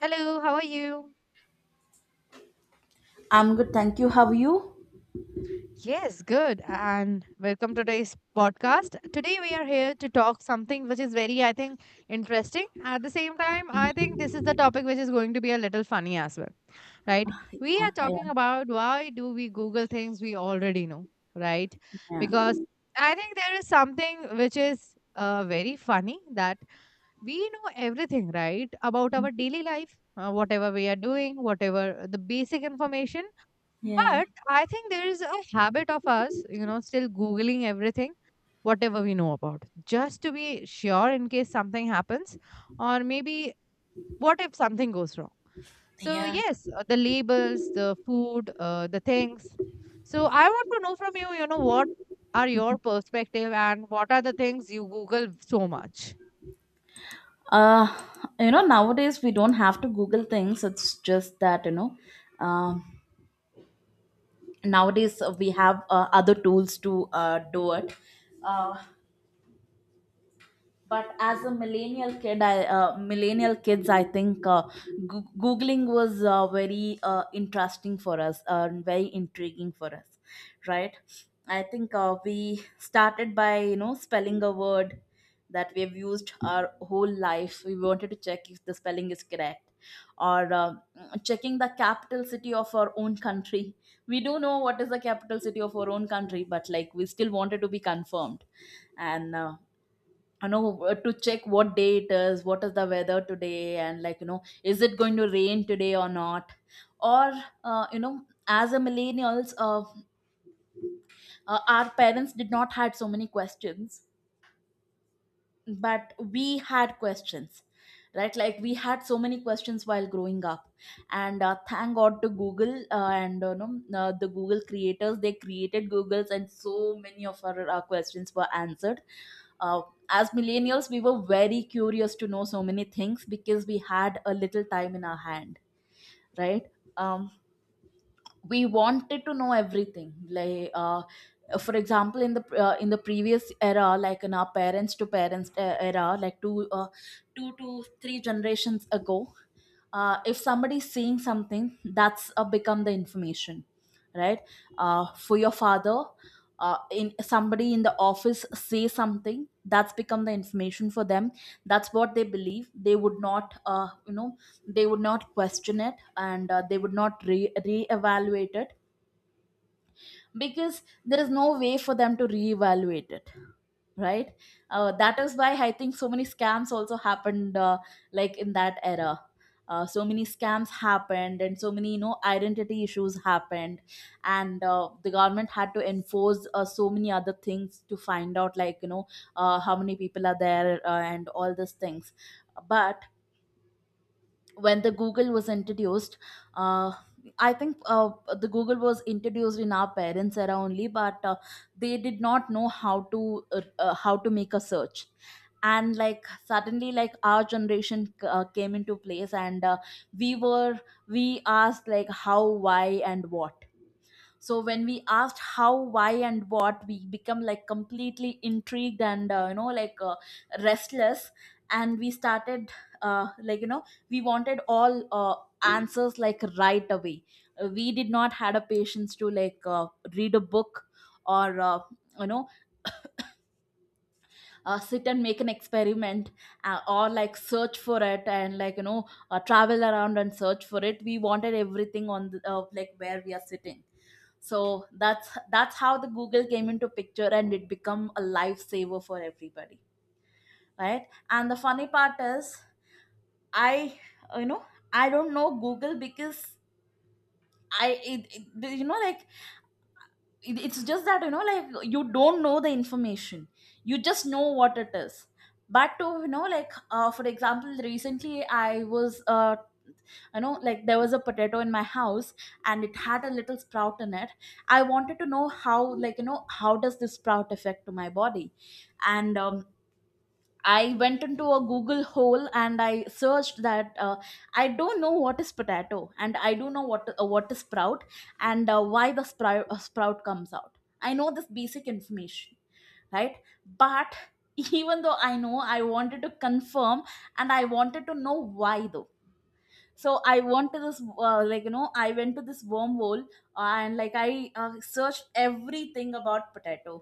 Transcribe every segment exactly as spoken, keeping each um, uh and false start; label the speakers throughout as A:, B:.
A: Hello, how are you?
B: I'm good, thank you. How are you?
A: Yes, good. And welcome to today's podcast. Today we are here to talk something which is very, I think, interesting. At the same time, I think this is the topic which is going to be a little funny as well, right? We are talking
B: Yeah,
A: about why do we Google things we already know, right?
B: yeah,
A: Because I think there is something which is uh, very funny that we know everything right about our daily life, uh, whatever we are doing, whatever the basic information.
B: yeah.
A: But I think there is a habit of us, you know, still Googling everything, whatever we know about, just to be sure in case something happens, or maybe what if something goes wrong. So,
B: Yeah.
A: yes, uh, the labels, the food, uh, the things. So, I want to know from you, you know, what are your perspective and what are the things you Google so much?
B: Uh, you know, nowadays we don't have to Google things. It's just that, you know, um, nowadays we have uh, other tools to uh, do it. Uh, but as a millennial kid I uh, millennial kids I think uh, goo- googling was uh, very uh, interesting for us, uh, very intriguing for us, right? I think uh, we started by, you know spelling a word that we have used our whole life. We wanted to check if the spelling is correct, or uh, checking the capital city of our own country. We do know what is the capital city of our own country, but like, we still wanted to be confirmed. And uh, you know uh, to check what day it is, what is the weather today, and like, you know is it going to rain today or not. Or uh, you know as a millennials, uh, uh, our parents did not had so many questions. But we had questions, right? Like, we had so many questions while growing up. And uh, thank god to google. Uh, and uh, No, uh, the google creators, they created googles, and so many of our uh, questions were answered. uh, as millennials, we were very curious to know so many things because we had a little time in our hand, right? um, we wanted to know everything, like uh, for example, in the uh, in the previous era, like in our parents to parents uh, era, like two uh, two to three generations ago, uh, if somebody's seeing something, that's uh, become the information, right? Uh, for your father, uh, in somebody in the office say something, that's become the information for them. That's what they believe. They would not uh, you know they would not question it. And uh, they would not re- re-evaluate it, because there is no way for them to re-evaluate it, right? Uh, that is why I think so many scams also happened, uh, like in that era. Uh, so many scams happened, and so many, you know identity issues happened. And uh, the government had to enforce uh, so many other things to find out, like, you know uh, how many people are there, uh, and all these things. But when the google was introduced, uh, I think uh, the google was introduced in our parents era only, but uh, they did not know how to, uh, uh, how to make a search. And like, suddenly, like, our generation uh, came into place. And uh, we were we asked like, how, why, and what. So when we asked how, why, and what, we become like completely intrigued. And uh, you know like uh, restless. And we started, uh, like you know we wanted all uh, answers like right away. Uh, we did not had a patience to, like, uh, read a book, or uh, you know uh, sit and make an experiment, uh, or like search for it, and like, you know uh, travel around and search for it. We wanted everything on the, uh, like where we are sitting. So that's that's how the google came into picture, and it become a lifesaver for everybody, right? And the funny part is, i you know i don't know google, because I it, it, you know like it- it's just that, you know like you don't know the information. You just know what it is, but to, you know like uh, for example, recently, I was uh, you know like there was a potato in my house, and it had a little sprout in it. I wanted to know how like you know how does this sprout affect to my body. And um, I went into a Google hole, and I searched that, uh, I don't know what is potato, and I do know what uh, what is sprout, and uh, why the sprout uh, sprout comes out. I know this basic information, right? But even though I know, I wanted to confirm, and I wanted to know why though. So I went to this uh, like you know I went to this wormhole, uh, and like, I uh, searched everything about potato,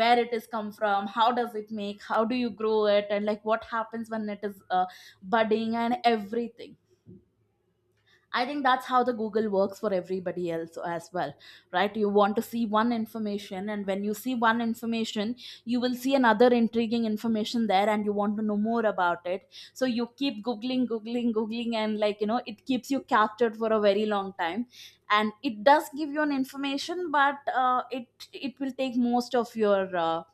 B: where it is come from, how does it make, how do you grow it, and like, what happens when it is uh, budding, and everything. I think that's how the Google works for everybody else as well, right? You want to see one information, and when you see one information, you will see another intriguing information there, and you want to know more about it. So you keep googling, googling, googling, and like, you know, it keeps you captured for a very long time, and it does give you an information, but uh, it it will take most of your uh,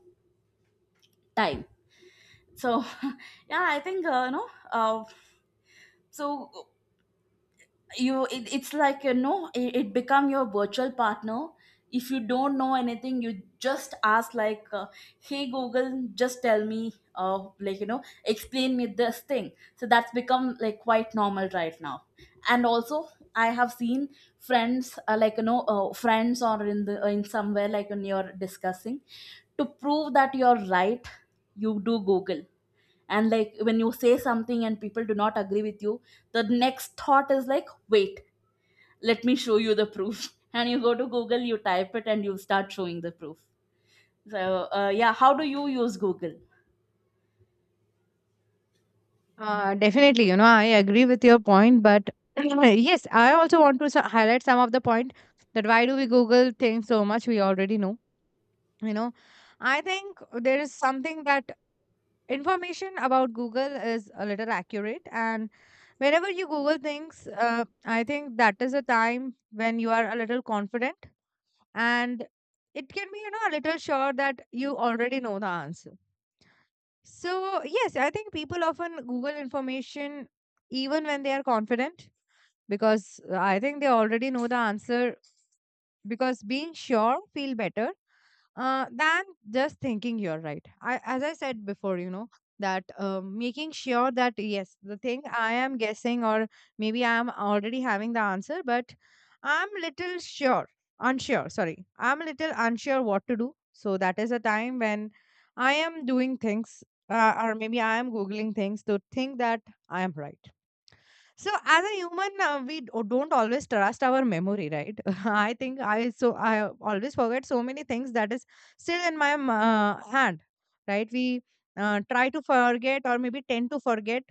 B: time. So yeah, I think. Uh, you know. Uh, so you it, it's like, you know it, it become your virtual partner. If you don't know anything, you just ask like, uh, hey google, just tell me, uh, like you know explain me this thing. So that's become like quite normal right now. And also, I have seen friends, uh, like you know uh, friends or in the in somewhere, like when you're discussing, to prove that you're right, you do google. And like, when you say something and people do not agree with you, the next thought is like, wait, let me show you the proof. And you go to google, you type it, and you start showing the proof. So, uh, yeah, how do you use google?
A: Uh, definitely, you know, I agree with your point, but yes, I also want to so- highlight some of the point that why do we Google things so much? We already know, you know. I think there is something that information about Google is a little accurate, and whenever you Google things, uh, I think that is a time when you are a little confident and it can be, you know, a little sure that you already know the answer. So, yes, I think people often Google information even when they are confident, because uh, I think they already know the answer, because being sure feel better uh, than just thinking you're right. I, as I said before, you know, that uh, making sure that yes, the thing I am guessing or maybe I am already having the answer, but I'm little sure, unsure, sorry, I'm a little unsure what to do. So that is a time when I am doing things, uh, or maybe I am googling things to think that I am right. So as a human, uh, we d- don't always trust our memory, right? I think I so I always forget so many things that is still in my m- uh, hand, right? We uh, try to forget or maybe tend to forget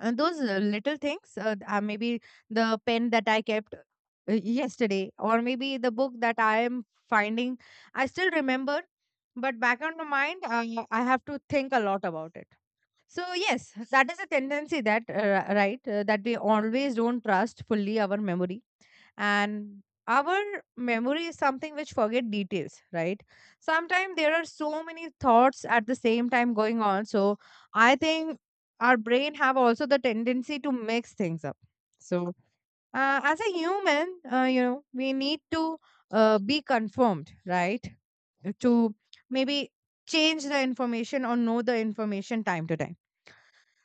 A: uh, those uh, little things. Uh, uh, maybe the pen that I kept uh, yesterday, or maybe the book that I am finding, I still remember. But back on the mind, I, I have to think a lot about it. So yes, that is a tendency that uh, right uh, that we always don't trust fully our memory, and our memory is something which forget details, right? Sometimes there are so many thoughts at the same time going on, so I think our brain have also the tendency to mix things up. So, uh, as a human, uh, you know, we need to uh, be confirmed, right? To maybe change the information or know the information time to time.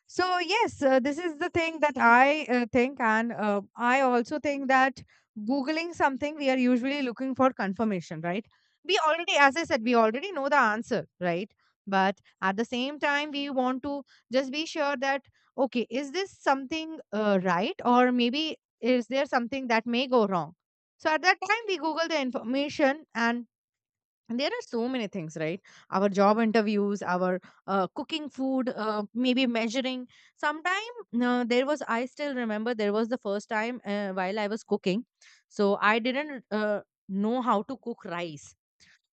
A: So yes, uh, this is the thing that I uh, think, and uh, I also think that googling something, we are usually looking for confirmation, right? We already, as I said, we already know the answer, right? But at the same time, we want to just be sure that, okay, is this something uh, right, or maybe is there something that may go wrong? So at that time, we Google the information. And and there are so many things, right? Our job interviews, our uh, cooking food, uh, maybe measuring. Sometime uh, there was, I still remember, there was the first time uh, while I was cooking, so I didn't uh, know how to cook rice.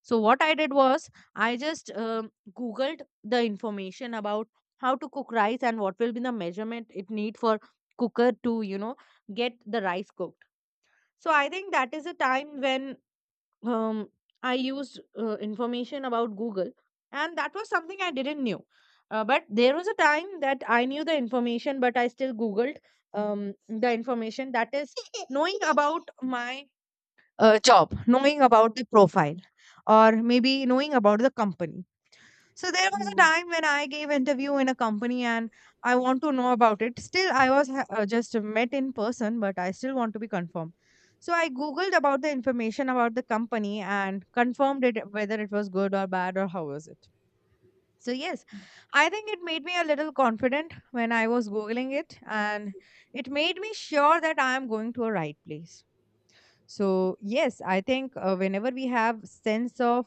A: So what I did was, I just um googled the information about how to cook rice and what will be the measurement it need for cooker to, you know, get the rice cooked. So I think that is a time when, um, I used uh, information about Google, and that was something I didn't knew. Uh, but there was a time that I knew the information, but I still Googled um, the information that is knowing about my uh, job, knowing about the profile, or maybe knowing about the company. So there was a time when I gave interview in a company, and I want to know about it. Still, I was ha- uh, just met in person, but I still want to be confirmed. So I googled about the information about the company and confirmed it whether it was good or bad or how was it. So yes, I think it made me a little confident when I was googling it, and it made me sure that I am going to a right place. So yes, I think uh, whenever we have sense of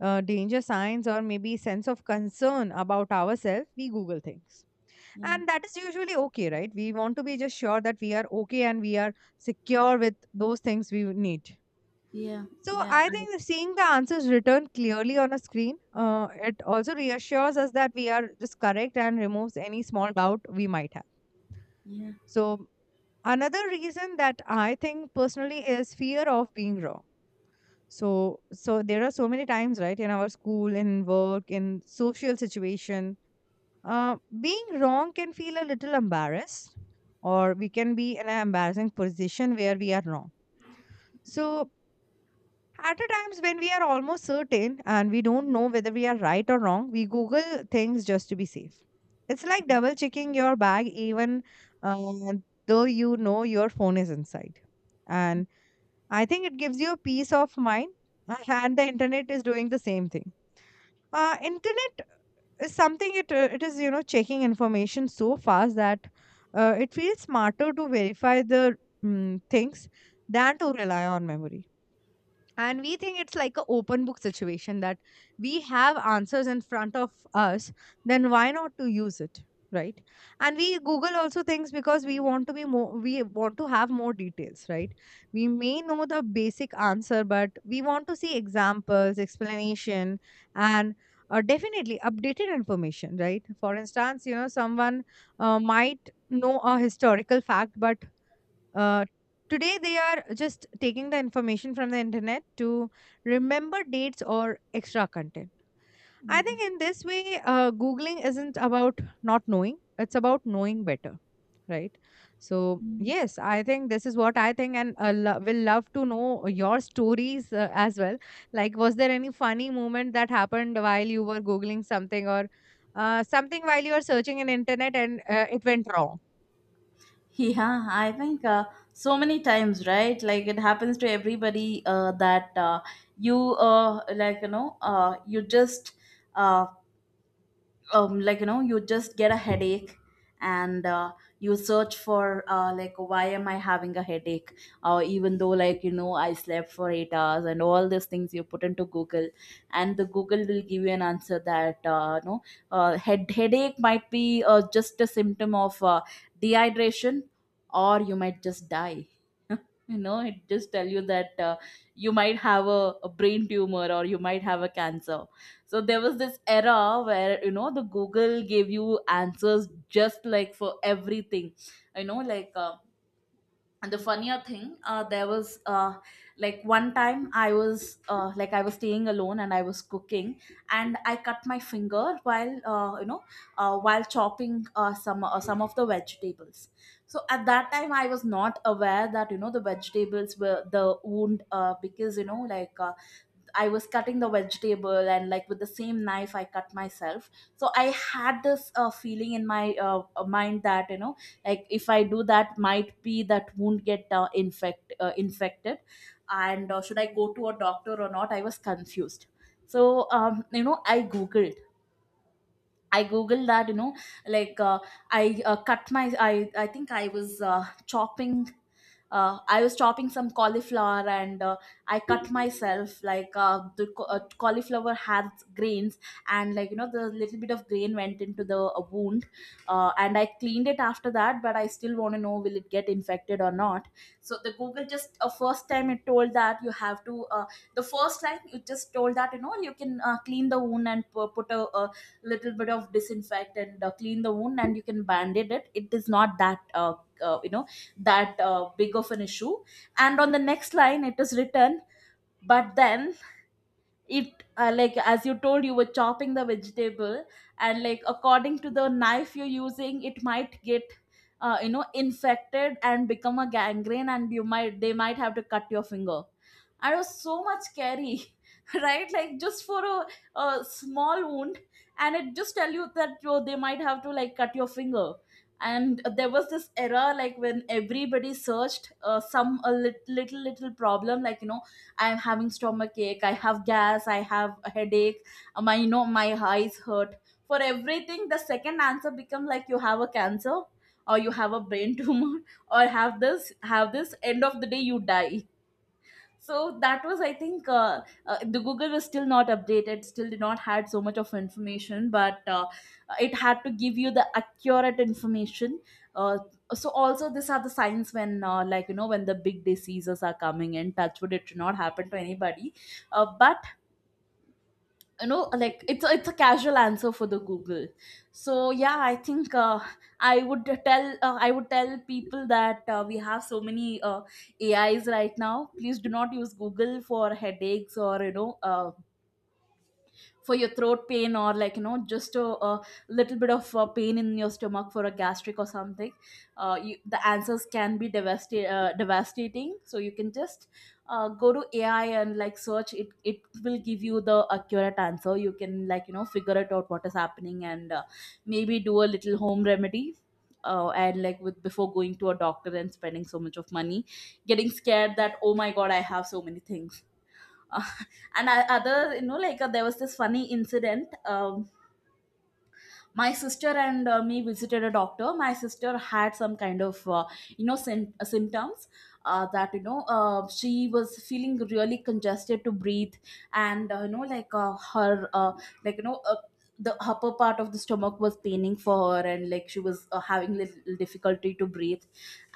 A: uh, danger signs or maybe sense of concern about ourselves, we google things,
B: Yeah,
A: and that is usually okay, right? We want to be just sure that we are okay and we are secure with those things we need.
B: yeah,
A: So
B: yeah, yeah.
A: I
B: I,
A: think that seeing the answers written clearly on a screen, uh, it also reassures us that we are just correct and removes any small doubt we might have.
B: yeah.
A: So another reason that I think personally is fear of being wrong. So so there are so many times, right, in our school, in work, in social situation, uh, being wrong can feel a little embarrassed, or we can be in an embarrassing position where we are wrong. So at the times when we are almost certain and we don't know whether we are right or wrong, we Google things just to be safe. It's like double checking your bag, even uh, though you know your phone is inside. And I think it gives you a peace of mind, and the internet is doing the same thing. Uh, internet is something, it uh, it is, you know, checking information so fast that uh, it feels smarter to verify the mm, things than to rely on memory. And we think it's like a open book situation that we have answers in front of us, then why not to use it, right? And we google also things because we want to be more, we want to have more details, right? We may know the basic answer, but we want to see examples, explanation, and uh, definitely updated information, right? For instance, you know, someone uh, might know a historical fact, but uh, today, they are just taking the information from the internet to remember dates or extra content. I think in this way, uh, Googling isn't about not knowing, it's about knowing better, right? So,
B: Mm.
A: yes, I think this is what I think, and uh, lo- will love to know your stories uh, as well. Like, was there any funny moment that happened while you were Googling something, or uh, something while you were searching in internet and uh, it went wrong?
B: Yeah, I think, uh, so many times, right? Like, it happens to everybody, uh, that uh, you uh, like you know uh, you just uh, um, like you know you just get a headache. And uh, you search for, uh, like, why am I having a headache, or even though, like, you know I slept for eight hours and all these things, you put into google. And the google will give you an answer that, uh, no, uh, head headache might be, uh, just a symptom of uh, dehydration, or you might just die. You know it just tell you that, uh, you might have a, a brain tumor, or you might have a cancer. So there was this era where, you know the Google gave you answers just like for everything, you know, like uh, and the funnier thing, uh, there was, uh, like one time I was uh, like I was staying alone and I was cooking, and I cut my finger while, uh, you know uh, while chopping, uh, some uh, some of the vegetables. So at that time, I was not aware that, you know the vegetables were the wound, uh, because you know like. Uh, I was cutting the vegetable, and like, with the same knife, I cut myself. So I had this uh, feeling in my, uh, uh, mind that, you know like if I do that, might be that wound get, uh, infect uh, infected. And uh, should I go to a doctor or not, I was confused. So, um, you know I googled I googled that, you know, like uh, I uh, cut my, I, I think I was, uh, chopping, uh, I was chopping some cauliflower, and uh, I cut myself. Like, uh, the ca- uh, cauliflower has grains, and like, you know, the little bit of grain went into the uh, wound, uh, and I cleaned it after that, but I still want to know, will it get infected or not? So the Google just uh, first time it told that you have to, uh, the first line you just told that, you know, you can uh, clean the wound and pu- put a, a little bit of disinfect and uh, clean the wound and you can bandage it. It is not that uh, uh, you know that uh, big of an issue. And on the next line it is written, but then it uh, like as you told, you were chopping the vegetable, and like according to the knife you're using, it might get uh, you know infected and become a gangrene, and you might they might have to cut your finger. And it was so much scary right, like just for a, a small wound, and it just tell you that you, they might have to like cut your finger. And there was this era, like when everybody searched uh, some a lit- little little problem, like you know, I am having stomach ache, I have gas, I have a headache, uh, my you know my eyes hurt. For everything the second answer become like, you have a cancer, or you have a brain tumor or have this, have this, end of the day you die. So that was, I think, uh, uh, the Google was still not updated, still did not had so much of information, but uh, it had to give you the accurate information. uh, so also these are the signs when, uh, like you know, when the big diseases are coming, in touch wood it should not happen to anybody. Uh, but you know, like it's a, it's a casual answer for the Google. So yeah, I think, uh, i would tell uh, i would tell people that uh, we have so many uh, AIs right now. Please do not use Google for headaches, or you know, uh, for your throat pain, or like you know, just a, a little bit of uh, pain in your stomach for a gastric or something. Uh, you, the answers can be devasti- uh, devastating, so you can just uh, go to AI and like search it. It will give you the accurate answer, you can like you know figure it out what is happening, and uh, maybe do a little home remedy, uh, and like with before going to a doctor and spending so much of money, getting scared that, oh my god, I have so many things. uh, and I, other you know, like uh, there was this funny incident. Um, my sister and uh, me visited a doctor. My sister had some kind of uh, you know sym- uh, symptoms uh, that, you know, uh, she was feeling really congested to breathe, and uh, you know like uh, her uh, like you know uh, the upper part of the stomach was paining for her, and like she was uh, having little difficulty to breathe.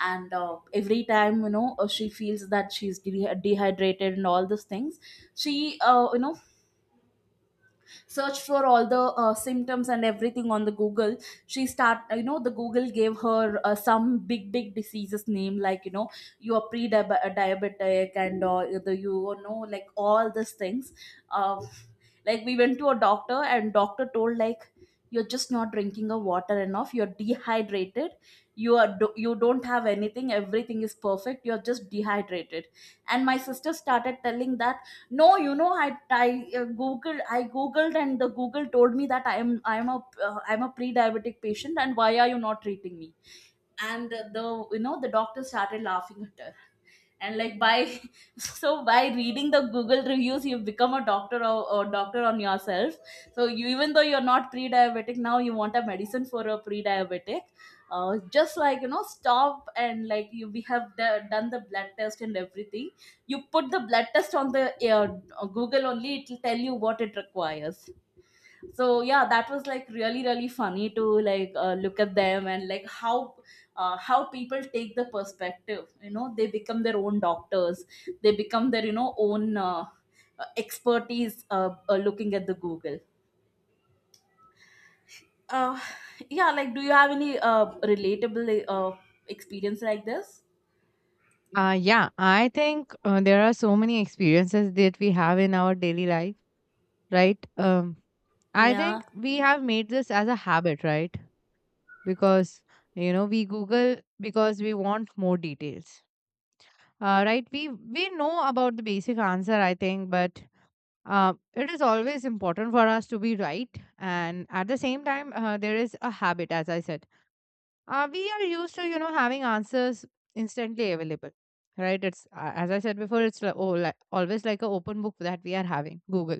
B: And uh, every time, you know uh, she feels that she's de- dehydrated and all these things. She uh, you know searched for all the uh, symptoms and everything on the Google. She start you know The Google gave her uh, some big big diseases name, like you know, you are pre-diabetic and uh, the, you know like all these things. uh, like we went to a doctor and doctor told, like, you're just not drinking a water enough, you're dehydrated. You are do- you don't have anything, everything is perfect, you're just dehydrated. And my sister started telling that, no, you know, I I uh, googled, I googled, and the Google told me that I am I am a uh, I am a pre-diabetic patient, and why are you not treating me? And the you know the doctor started laughing, and like by so by reading the Google reviews, you've become a doctor, or, or doctor on yourself. So you, even though you're not pre-diabetic now, you want a medicine for a pre-diabetic. Uh, just like you know, stop. And like you we have d- done the blood test and everything. You put the blood test on the uh, Google only, it will tell you what it requires. So yeah, that was like really really funny, to like uh, look at them and like how uh, how people take the perspective. You know, they become their own doctors, they become their you know own uh, uh, expertise, uh, uh, looking at the Google. uh, yeah, like, do you have any uh, relatable uh, experience like this?
A: Uh, yeah, I think uh, there are so many experiences that we have in our daily life, right? Um, I
B: Yeah,
A: think we have made this as a habit, right? Because, you know, we Google because we want more details, uh, right? We we know about the basic answer, I think, but uh, it is always important for us to be right, and at the same time, uh, there is a habit, as I said, uh, we are used to, you know, having answers instantly available, right? it's uh, As I said before, it's like, oh, like, always like an open book that we are having Google,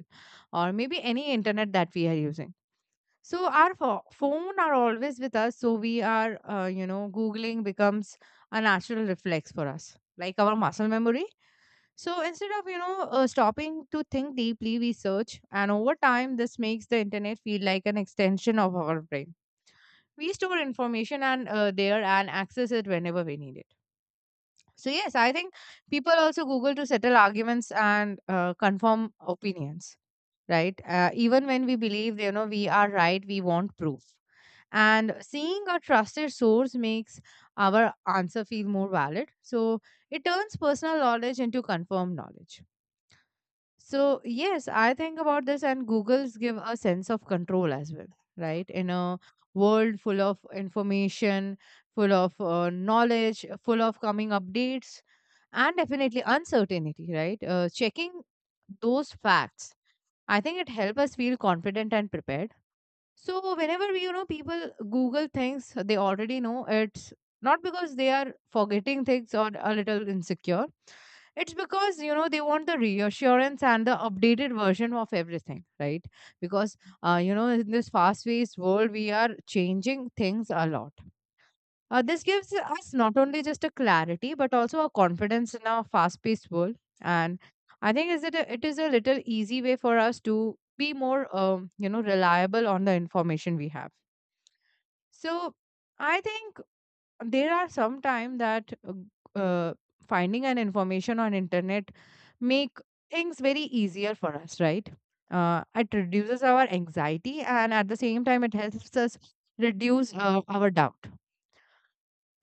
A: or maybe any internet that we are using. So our pho- phone are always with us, so we are, uh, you know, googling becomes a natural reflex for us, like our muscle memory. So instead of, you know, uh, stopping to think deeply, we search, and over time this makes the internet feel like an extension of our brain. We store information and uh, there and access it whenever we need it. So yes, I think people also google to settle arguments and uh, confirm opinions, right? Uh, even when we believe, you know, we are right, we want proof, and seeing a trusted source makes our answer feel more valid, so it turns personal knowledge into confirmed knowledge. So yes, I think about this, and Google's give a sense of control as well, right? In a world full of information, full of uh, knowledge, full of coming updates, and definitely uncertainty, right? Uh, checking those facts, I think it helps us feel confident and prepared. So whenever we, you know, people Google things they already know, it's not because they are forgetting things or a little insecure. It's because, you know, they want the reassurance and the updated version of everything, right? Because, uh, you know, in this fast paced world, we are changing things a lot. Uh, this gives us not only just a clarity, but also a confidence in our fast-paced world. And I think is it a, it is a little easy way for us to be more, um, you know, reliable on the information we have. So I think there are some time that uh, uh, finding an information on internet make things very easier for us, right? Uh, it reduces our anxiety, and at the same time, it helps us reduce uh, our doubt.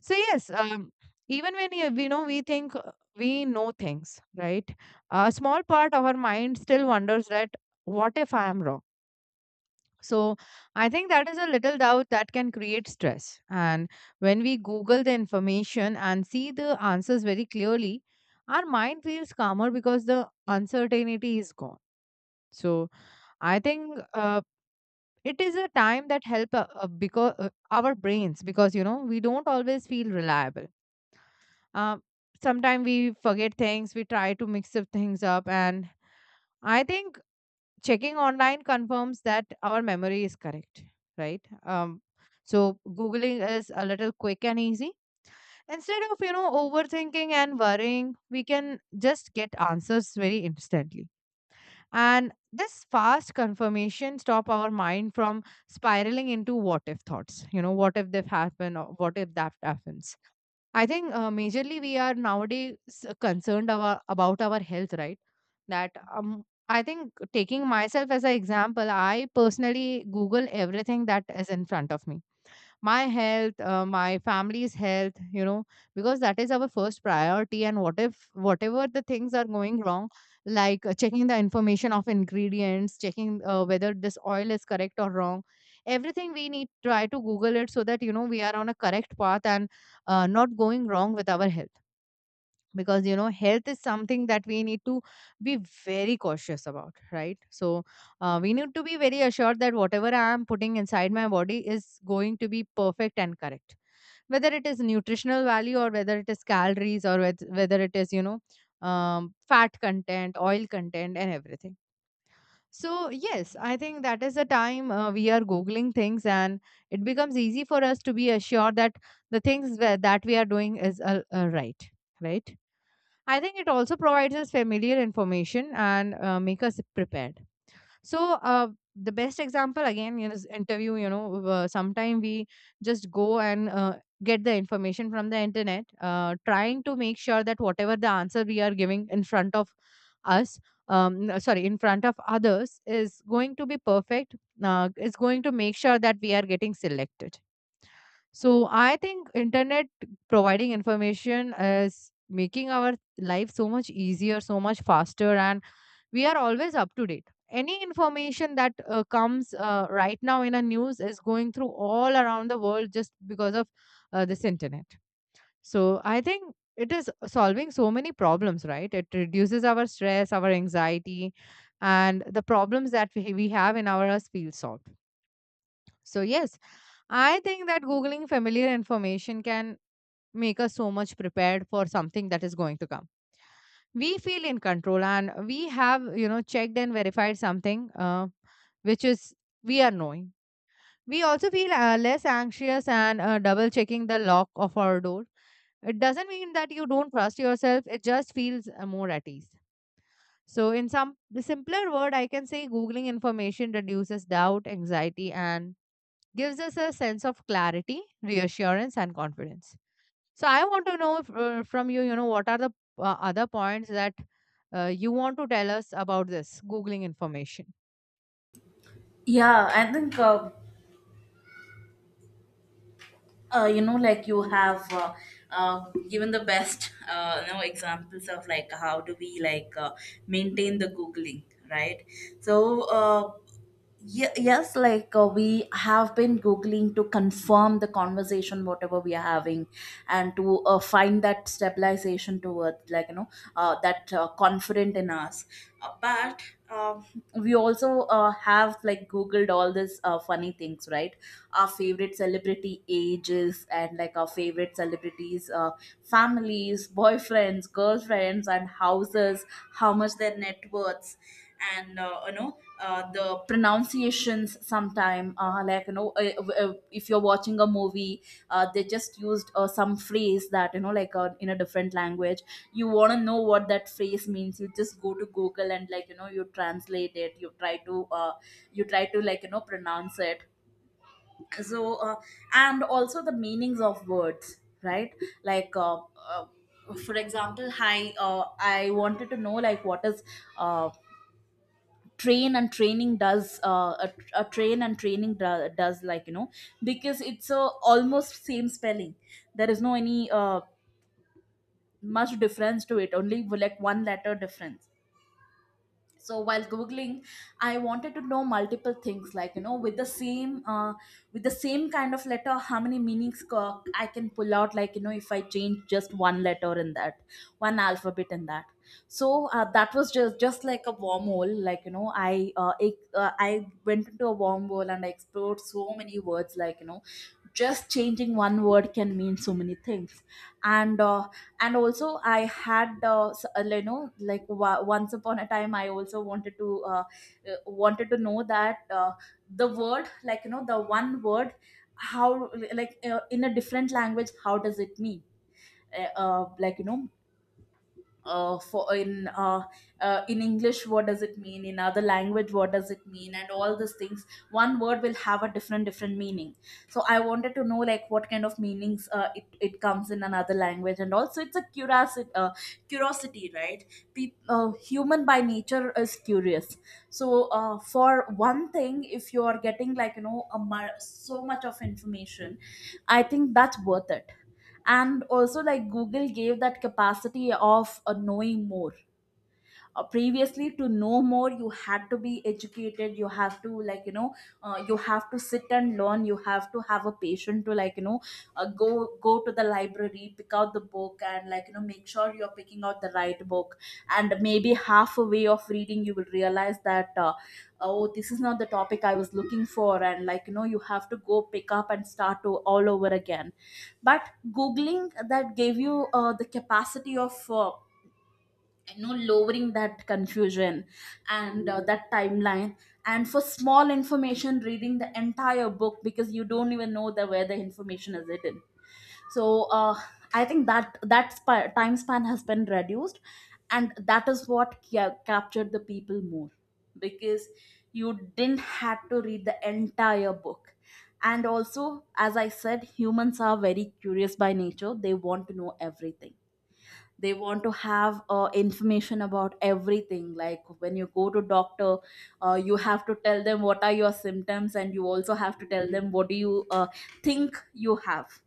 A: So yes, um, even when you, we know we think uh, we know things, right? A small part of our mind still wonders that what if I am wrong. So I think that is a little doubt that can create stress. And when we Google the information and see the answers very clearly, our mind feels calmer because the uncertainty is gone. So I think uh, it is a time that help uh, uh, because uh, our brains, because you know we don't always feel reliable, uh, sometimes we forget things, we try to mix up things up, and I think checking online confirms that our memory is correct, right. Um, so googling is a little quick and easy, instead of, you know, overthinking and worrying, we can just get answers very instantly. And this fast confirmation stop our mind from spiraling into what if thoughts, you know, what if this happened or what if that happens. I think uh, majorly we are nowadays uh, concerned about, about our health, right? That um, I think taking myself as an example, I personally Google everything that is in front of me, my health, uh, my family's health, you know, because that is our first priority, and what if whatever the things are going wrong, like uh, checking the information of ingredients, checking uh, whether this oil is correct or wrong, everything we need try to google it, so that you know we are on a correct path and uh, not going wrong with our health, because you know health is something that we need to be very cautious about, right? So uh, we need to be very assured that whatever I am putting inside my body is going to be perfect and correct, whether it is nutritional value, or whether it is calories, or wheth- whether it is, you know, um, fat content, oil content, and everything. So yes, I think that is the time uh, we are googling things, and it becomes easy for us to be assured that the things where, that we are doing is uh, uh, right, right. I think it also provides us familiar information and uh, make us prepared. So uh, the best example again is interview. You know, uh, sometime we just go and uh, get the information from the internet, uh, trying to make sure that whatever the answer we are giving in front of us, um, no, sorry, in front of others, is going to be perfect. Uh, is going to make sure that we are getting selected. So I think internet providing information is making our life so much easier, so much faster, and we are always up to date. Any information that uh, comes uh, right now in a news is going through all around the world just because of uh, this internet. So I think it is solving so many problems, right? It reduces our stress, our anxiety, and the problems that we we have in our us feel solved. So yes, I think that Googling familiar information can make us so much prepared for something that is going to come. We feel in control, and we have, you know, checked and verified something uh, which is we are knowing. We also feel uh, less anxious, and uh, double checking the lock of our door, it doesn't mean that you don't trust yourself, it just feels uh, more at ease. So in some the simpler word I can say googling information reduces doubt, anxiety, and gives us a sense of clarity, reassurance, and confidence. So I want to know if, uh, from you, you know, what are the uh, other points that uh, you want to tell us about this Googling information?
B: yeah, I think, uh, uh, you know, like you have uh, uh, given the best, uh, you know, examples of like how do we like uh, maintain the googling, right? So. Uh, Ye- yes, like uh, we have been googling to confirm the conversation whatever we are having, and to uh, find that stabilization towards, like you know, uh, that uh, confident in us, uh, but um we also uh, have like googled all these uh, funny things, right? Our favorite celebrity ages, and like our favorite celebrities uh, families, boyfriends, girlfriends, and houses, how much their net worths. And uh, you know uh, the pronunciations sometime, uh, like you know uh, uh, if you're watching a movie, uh, they just used uh, some phrase that you know, like uh, in a different language, you want to know what that phrase means, you just go to Google and like you know, you translate it, you try to uh, you try to like you know pronounce it. So uh, and also the meanings of words, right? Like uh, uh, for example, hi, uh, I wanted to know, like, what is uh, train and training does, uh, a, a train and training do, does, like you know, because it's a almost same spelling. There is no any uh, much difference to it, only like one letter difference. So while googling, I wanted to know multiple things, like you know, with the same uh, with the same kind of letter, how many meanings co- I can pull out, like you know, if I change just one letter in that, one alphabet in that. So uh, that was just just like a wormhole, like you know, i uh, ex- uh, i went into a wormhole and I explored so many words, like you know, just changing one word can mean so many things. And uh, and also I had uh, s- uh, you know like wa- once upon a time, I also wanted to uh, uh, wanted to know that, uh, the word, like you know, the one word, how like uh, in a different language how does it mean. Uh, uh, like you know uh, for in uh, uh, In English, what does it mean? In other language, what does it mean? And all these things. One word will have a different different meaning. So I wanted to know, like, what kind of meanings uh, it it comes in another language, and also it's a curiosity, uh, curiosity, right? Peop uh, Human by nature is curious. So uh, for one thing, if you are getting, like you know, a, mu- so much of information, I think that's worth it. And also like Google gave that capacity of uh, knowing more. Uh, previously to know more, you had to be educated, you have to like you know, uh, you have to sit and learn, you have to have a patient to like you know, uh, go go to the library, pick out the book, and like you know, make sure you're picking out the right book. And maybe halfway of reading you will realize that, uh, oh, this is not the topic I was looking for, and like you know, you have to go pick up and start to all over again. But googling that gave you uh, the capacity of uh, you know lowering that confusion, and uh, that timeline, and for small information reading the entire book because you don't even know the where the information is hidden. So uh, I think that that spa- time span has been reduced, and that is what ca- captured the people more, because you didn't have to read the entire book. And also, as I said, humans are very curious by nature, they want to know everything, they want to have uh, information about everything. Like when you go to doctor, uh, you have to tell them what are your symptoms, and you also have to tell them what do you uh, think you have,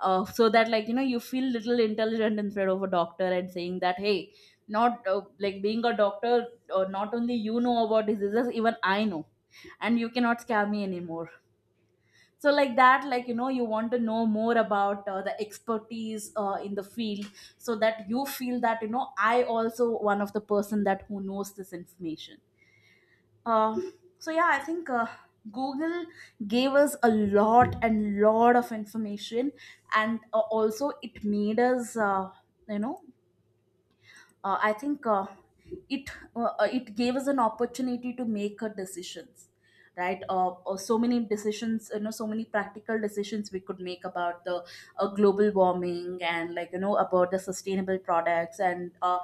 B: uh, so that, like you know, you feel little intelligent in front of a doctor and saying that, hey, not uh, like being a doctor, uh, not only you know about diseases, even I know, and you cannot scare me anymore. So like that, like you know, you want to know more about uh, the expertise uh, in the field, so that you feel that, you know, I also one of the person that who knows this information. uh, so yeah, I think uh, Google gave us a lot and lot of information, and uh, also it made us, uh, you know uh, I think uh, it uh, uh, it gave us an opportunity to make our decisions, right? Uh, uh, so many decisions, you know, so many practical decisions we could make about the uh, global warming, and like you know, about the sustainable products, and uh,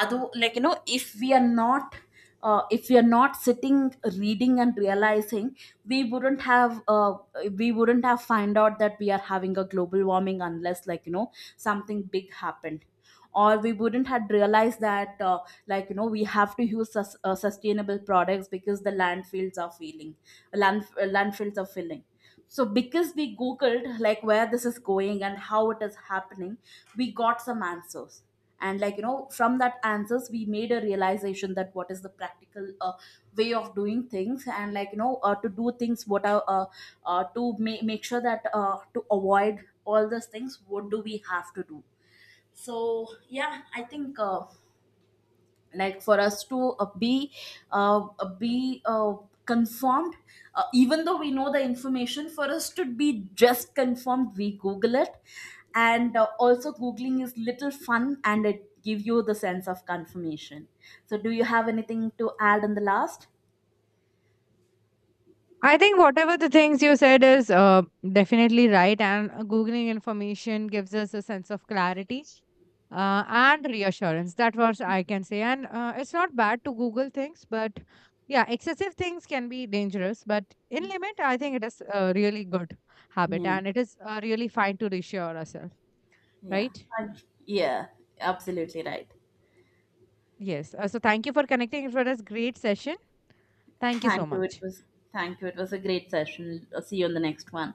B: other, like you know, if we are not uh, if we are not sitting reading and realizing, we wouldn't have uh, we wouldn't have find out that we are having a global warming, unless like you know, something big happened. Or we wouldn't had realized that, uh, like you know we have to use sus- uh, sustainable products, because the landfills are filling, land- uh, landfills are filling. So because we googled like where this is going and how it is happening, we got some answers, and like you know, from that answers we made a realization that what is the practical uh, way of doing things, and like you know, uh, to do things, what are uh, uh, to ma- make sure that, uh, to avoid all those things, what do we have to do. So yeah, I think, uh, like, for us to uh, be uh, uh, be uh, confirmed, uh, even though we know the information, for us to be just confirmed, we google it. And uh, also googling is little fun and it give you the sense of confirmation. So do you have anything to add in the last?
A: I think whatever the things you said is uh, definitely right, and uh, googling information gives us a sense of clarity uh, and reassurance. That was I can say, and uh, it's not bad to Google things, but yeah, excessive things can be dangerous. But in limit, I think it is a really good habit,
B: Yeah,
A: and it is uh, really fine to reassure ourselves,
B: yeah.
A: right?
B: Thank- yeah. Absolutely right.
A: Yes. Uh, so thank you for connecting. It was a great session. Thank you so
B: thank you it
A: much.
B: was Thank you, it was a great session. I'll see you in the next one.